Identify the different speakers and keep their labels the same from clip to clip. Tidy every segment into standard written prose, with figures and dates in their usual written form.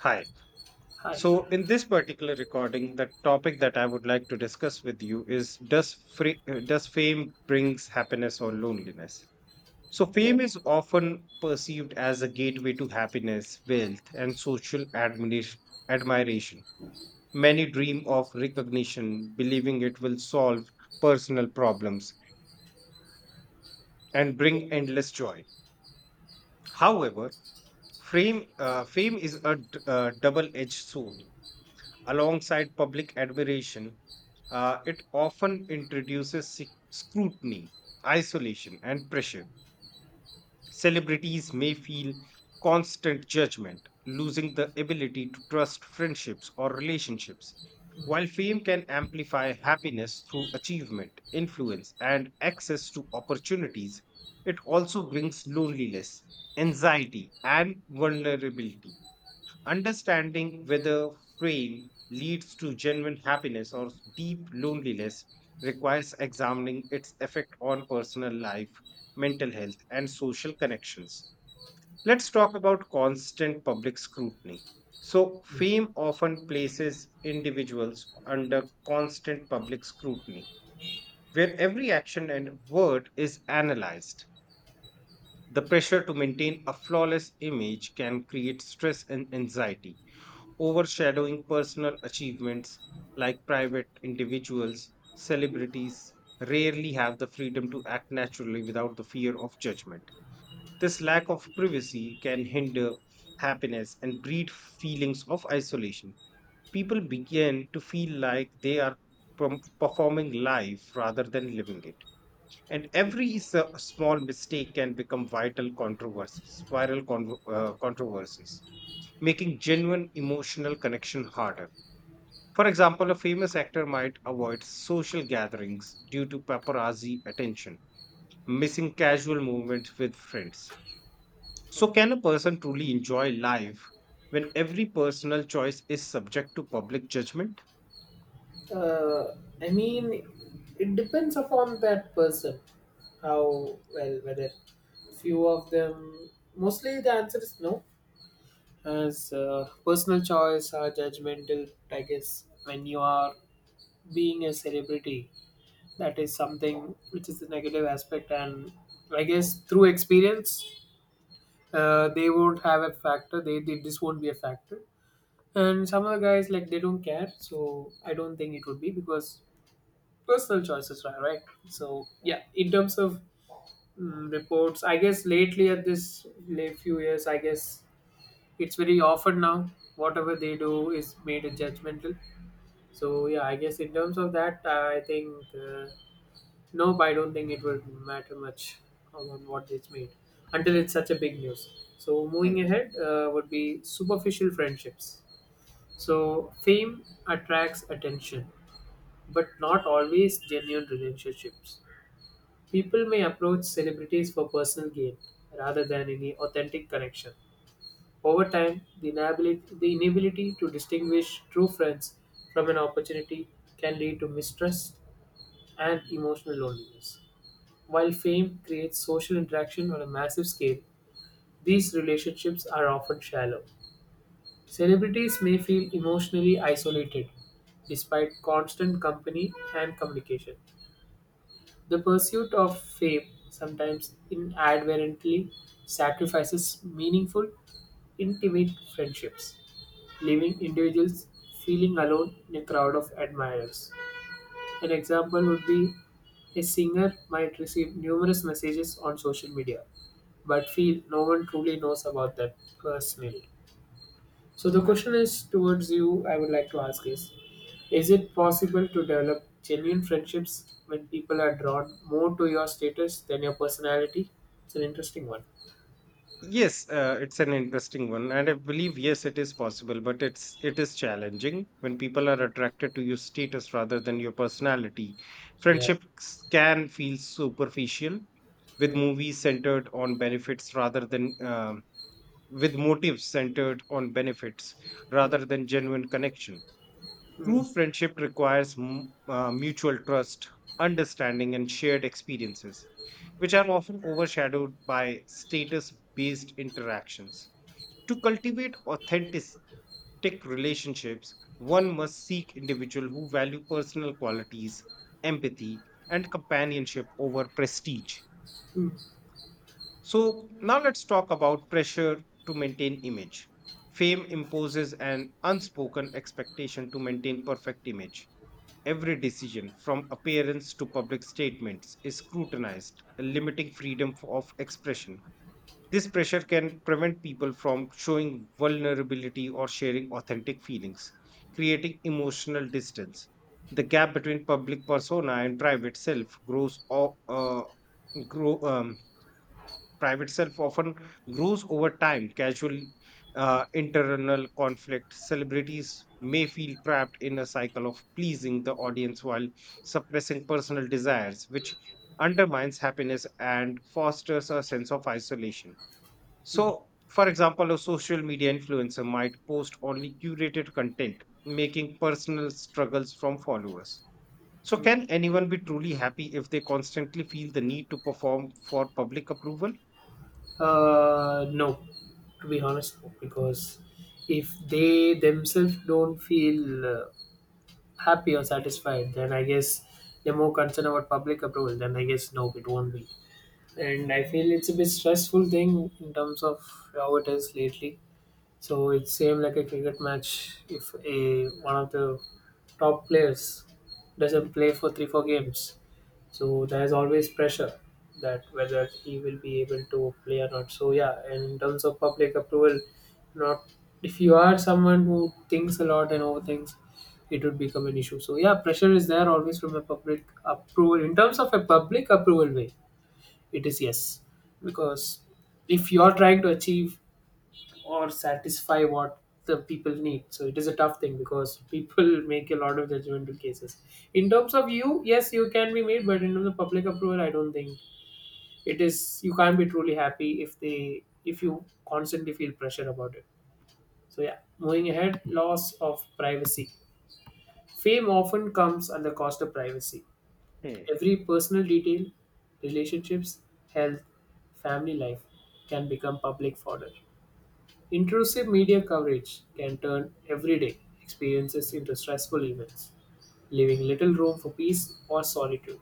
Speaker 1: Hi.
Speaker 2: Hi.
Speaker 1: So, in this particular recording, the topic that I would like to discuss with you is does fame brings happiness or loneliness? So,
Speaker 2: Yeah.
Speaker 1: fame is often perceived as a gateway to happiness, wealth, and social admiration. Many dream of recognition, believing it will solve personal problems and bring endless joy. However, fame is a double-edged sword alongside public admiration, it often introduces scrutiny, isolation, and pressure. Celebrities may feel constant judgment, losing the ability to trust friendships or relationships. While fame can amplify happiness through achievement, influence, and access to opportunities, it also brings loneliness, anxiety, and vulnerability. Understanding whether fame leads to genuine happiness or deep loneliness requires examining its effect on personal life, mental health, and social connections. Let's talk about constant public scrutiny. So, fame often places individuals under constant public scrutiny, where every action and word is analyzed. The pressure to maintain a flawless image can create stress and anxiety, overshadowing personal achievements. Like private individuals, celebrities rarely have the freedom to act naturally without the fear of judgment. This lack of privacy can hinder happiness and breed feelings of isolation. People begin to feel like they are performing life rather than living it. And every small mistake can become vital controversies, viral controversies, making genuine emotional connection harder. For example, a famous actor might avoid social gatherings due to paparazzi attention, missing casual moments with friends. So, can a person truly enjoy life when every personal choice is subject to public judgment?
Speaker 2: Uh, I mean, it depends upon that person. How well, whether few of them. Mostly, the answer is no. As personal choice or judgmental, I guess when you are being a celebrity, that is something which is the negative aspect. And I guess through experience, they won't have a factor. They this won't be a factor. And some of the guys like they don't care, so I don't think it would be because personal choices are right. So yeah, in terms of reports, I guess lately at this late few years, I guess it's very often now whatever they do is made a judgmental. So yeah, I guess in terms of that I think, uh, nope, I don't think it would matter much on what it's made until it's such a big news. So moving
Speaker 1: Hmm.
Speaker 2: ahead, would be superficial friendships. So fame attracts attention but not always genuine relationships. People may approach celebrities for personal gain rather than any authentic connection. Over time, the inability to distinguish true friends from an opportunity can lead to mistrust and emotional loneliness. While fame creates social interaction on a massive scale, these relationships are often shallow. Celebrities may feel emotionally isolated despite constant company and communication. The pursuit of fame sometimes inadvertently sacrifices meaningful, intimate friendships, leaving individuals feeling alone in a crowd of admirers. An example would be a singer might receive numerous messages on social media, but feel no one truly knows about them personally. So the question is towards you. I would like to ask is it possible to develop genuine friendships when people are drawn more to your status than your personality? It's an interesting one.
Speaker 1: Yes, it's an interesting one, and I believe yes, it is possible, but it is challenging when people are attracted to your status rather than your personality.
Speaker 2: Yeah.
Speaker 1: Friendships can feel superficial, with
Speaker 2: Mm,
Speaker 1: movies centered on benefits rather than with motives centered on benefits
Speaker 2: mm,
Speaker 1: rather than genuine connection.
Speaker 2: mm,
Speaker 1: True friendship requires mutual trust, understanding, and shared experiences, which are often overshadowed by status based interactions. To cultivate authentic relationships, one must seek individuals who value personal qualities, empathy, and companionship over prestige.
Speaker 2: mm.
Speaker 1: So, now let's talk about pressure to maintain image. Fame imposes an unspoken expectation to maintain perfect image. Every decision, from appearance to public statements, is scrutinized, limiting freedom of expression. This pressure can prevent people from showing vulnerability or sharing authentic feelings, creating emotional distance. The gap between public persona and private self grows, o- grow, Private self often grows over time. Casual internal conflict. Celebrities may feel trapped in a cycle of pleasing the audience while suppressing personal desires, which undermines happiness and fosters a sense of isolation. So, for example, a social media influencer might post only curated content, making personal struggles from followers. So, can anyone be truly happy if they constantly feel the need to perform for public approval?
Speaker 2: No, to be honest, no, because if they themselves don't feel happy or satisfied, then I guess they're more concerned about public approval. Then I guess no, it won't be. And I feel it's a bit stressful thing in terms of how it is lately. So it same like a cricket match if a one of the top players doesn't play for 3 4 games. So there is always pressure that whether he will be able to play or not. So yeah, and in terms of public approval, not if you are someone who thinks a lot and overthinks, it would become an issue. So yeah, pressure is there always from a public approval. In terms of a public approval way, it is, yes, because if you are trying to achieve or satisfy what the people need, so it is a tough thing because people make a lot of judgmental cases. In terms of you, yes, you can be made, but in terms of public approval, I don't think it is. You can't be truly happy if they if you constantly feel pressure about it. So yeah, moving ahead, loss of privacy. Fame often comes at the cost of privacy.
Speaker 1: Hmm.
Speaker 2: Every personal detail, relationships, health, family life can become public fodder. Intrusive media coverage can turn everyday experiences into stressful events, leaving little room for peace or solitude.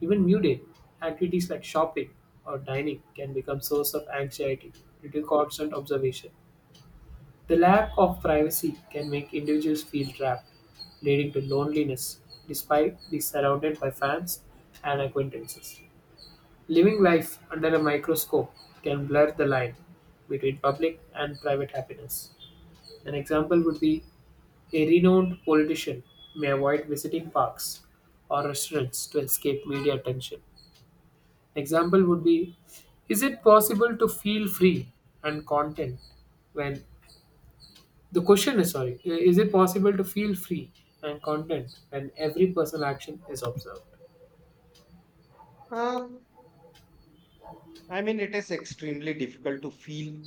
Speaker 2: Even muted activities like shopping or dining can become source of anxiety due to constant observation. The lack of privacy can make individuals feel trapped, leading to loneliness despite being surrounded by fans and acquaintances. Living life under a microscope can blur the line between public and private happiness. An example would be a renowned politician may avoid visiting parks or restaurants to escape media attention. Example would be, is it possible to feel free and content when, the question is, sorry, is it possible to feel free and content when every personal action is observed?
Speaker 1: Uh, I mean, it is extremely difficult to feel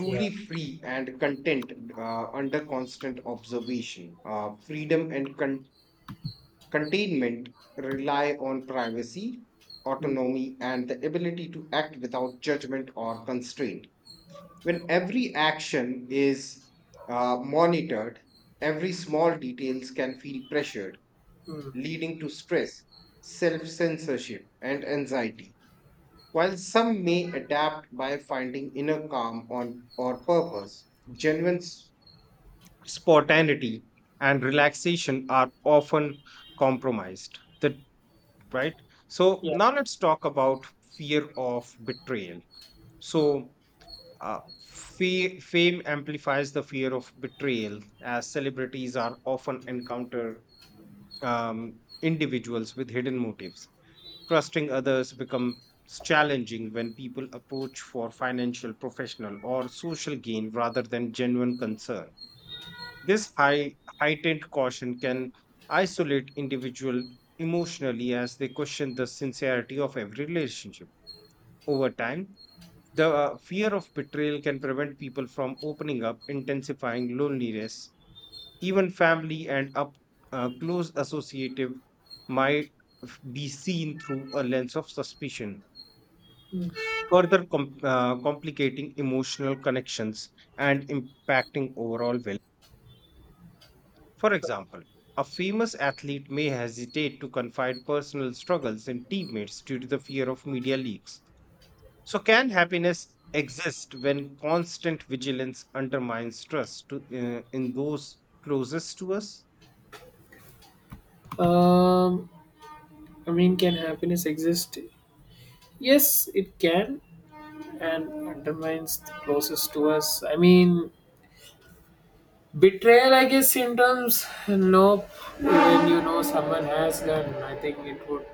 Speaker 2: Yeah.
Speaker 1: free and content under constant observation. Freedom and containment rely on privacy,
Speaker 2: Mm,
Speaker 1: autonomy, and the ability to act without judgment or constraint. When every action is monitored, every small details can feel pressured,
Speaker 2: mm,
Speaker 1: leading to stress, self censorship, and anxiety. While some may adapt by finding inner calm on, or purpose, genuine spontaneity and relaxation are often compromised. Right? So,
Speaker 2: yeah.
Speaker 1: now let's talk about fear of betrayal. So, fame amplifies the fear of betrayal as celebrities are often encounter um, individuals with hidden motives. Trusting others becomes challenging when people approach for financial, professional, or social gain rather than genuine concern. Heightened caution can isolate individual emotionally as they question the sincerity of every relationship. Over time, the fear of betrayal can prevent people from opening up, intensifying loneliness. Even family and up close associative might be seen through a lens of suspicion, further complicating emotional connections and impacting overall well. For example, a famous athlete may hesitate to confide personal struggles in teammates due to the fear of media leaks. So, can happiness exist when constant vigilance undermines trust in those closest to us?
Speaker 2: Um, I mean, can happiness exist? Yes, it can, and undermines the closest to us. I mean, betrayal, I guess, in terms, nope. When you know someone has done, I think it would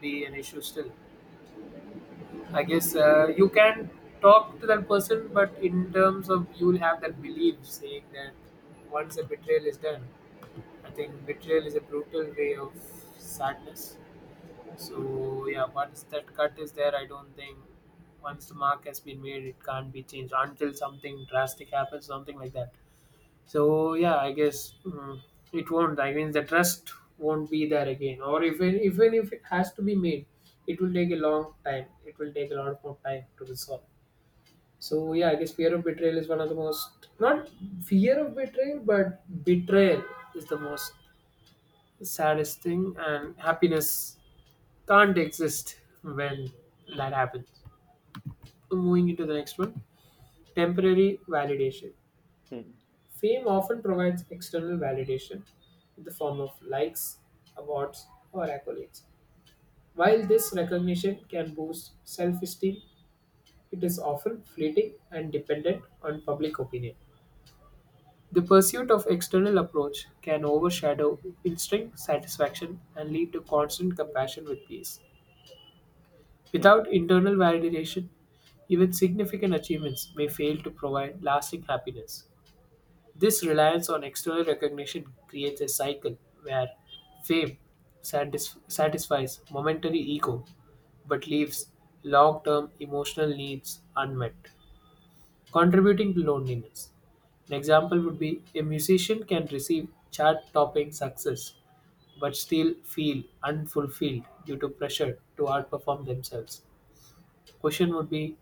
Speaker 2: be an issue still. I guess you can talk to that person, but in terms of you'll have that belief saying that once a betrayal is done, I think betrayal is a brutal way of sadness. So yeah, once that cut is there, I don't think once the mark has been made, it can't be changed until something drastic happens, something like that. So yeah, I guess it won't. I mean, the trust won't be there again. Or if it- even if it has to be made, it will take a long time. It will take a lot more time to resolve. So yeah, I guess fear of betrayal is one of the most not fear of betrayal, but betrayal is the most saddest thing, and happiness can't exist when that happens. Moving into the next one, temporary validation.
Speaker 1: Hmm.
Speaker 2: Fame often provides external validation in the form of likes, awards, or accolades. While this recognition can boost self esteem, it is often fleeting and dependent on public opinion. The pursuit of external approach can overshadow instinct satisfaction and lead to constant compassion with peace. Without internal validation, even significant achievements may fail to provide lasting happiness. This reliance on external recognition creates a cycle where fame satisfies momentary ego but leaves long term emotional needs unmet, contributing to loneliness. An example would be a musician can receive chart topping success but still feel unfulfilled due to pressure to outperform themselves. Question would be,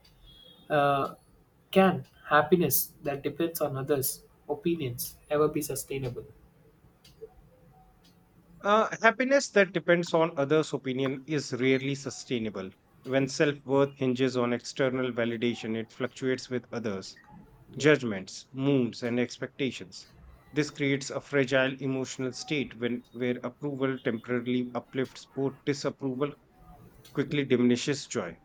Speaker 2: uh, can happiness that depends on others' opinions ever be sustainable?
Speaker 1: Happiness that depends on others' opinion is rarely sustainable. When self worth hinges on external validation, it fluctuates with others'
Speaker 2: Yeah.
Speaker 1: judgments, moods, and expectations. This creates a fragile emotional state where approval temporarily uplifts or disapproval quickly diminishes joy.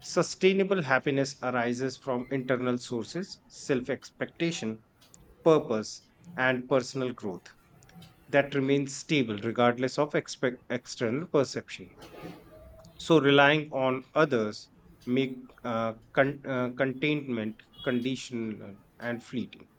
Speaker 1: Sustainable happiness arises from internal sources, self expectation, purpose, and personal growth that remains stable regardless of expect external perception. So relying on others make containment conditional and fleeting.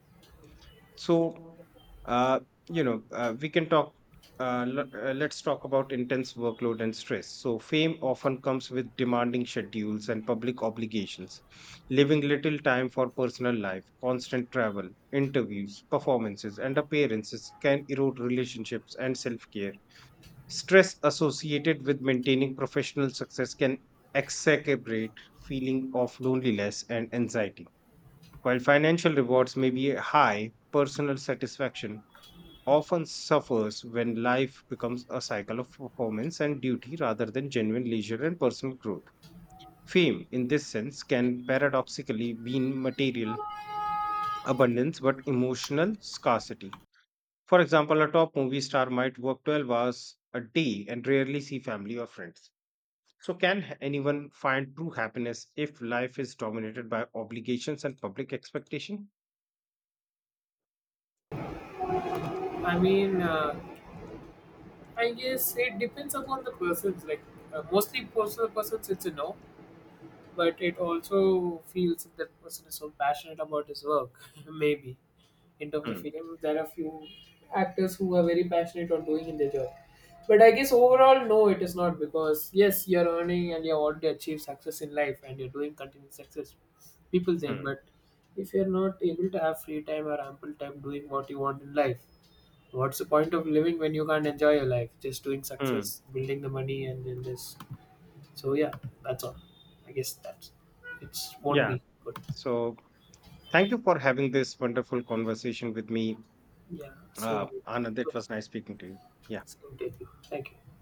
Speaker 1: So uh, you know we can talk. Let's talk about intense workload and stress. So fame often comes with demanding schedules and public obligations, leaving little time for personal life. Constant travel, interviews, performances, and appearances can erode relationships and self-care. Stress associated with maintaining professional success can exacerbate feeling of loneliness and anxiety. While financial rewards may be high, personal satisfaction often suffers when life becomes a cycle of performance and duty rather than genuine leisure and personal growth. Fame, in this sense, can paradoxically mean material abundance but emotional scarcity. For example, a top movie star might work 12 hours a day and rarely see family or friends. So, can anyone find true happiness if life is dominated by obligations and public expectation?
Speaker 2: I mean, I guess it depends upon the persons. Like mostly personal persons, it's a no. But it also feels that the person is so passionate about his work, maybe, in terms of
Speaker 1: Hmm,
Speaker 2: freedom there are few actors who are very passionate on doing in their job, but I guess overall no, it is not, because yes, you're earning and you have already achieved success in life and you're doing continued success, people think,
Speaker 1: hmm,
Speaker 2: but if you're not able to have free time or ample time doing what you want in life, what's the point of living when you can't enjoy your life just doing
Speaker 1: hmm.
Speaker 2: success, building the money, and then just, so yeah, that's all. I guess that's, it's won't
Speaker 1: Yeah.
Speaker 2: be good.
Speaker 1: So, thank you for having this wonderful conversation with me,
Speaker 2: Yeah, same,
Speaker 1: Anand. It was nice speaking to you. Yeah.
Speaker 2: same to you. Thank you.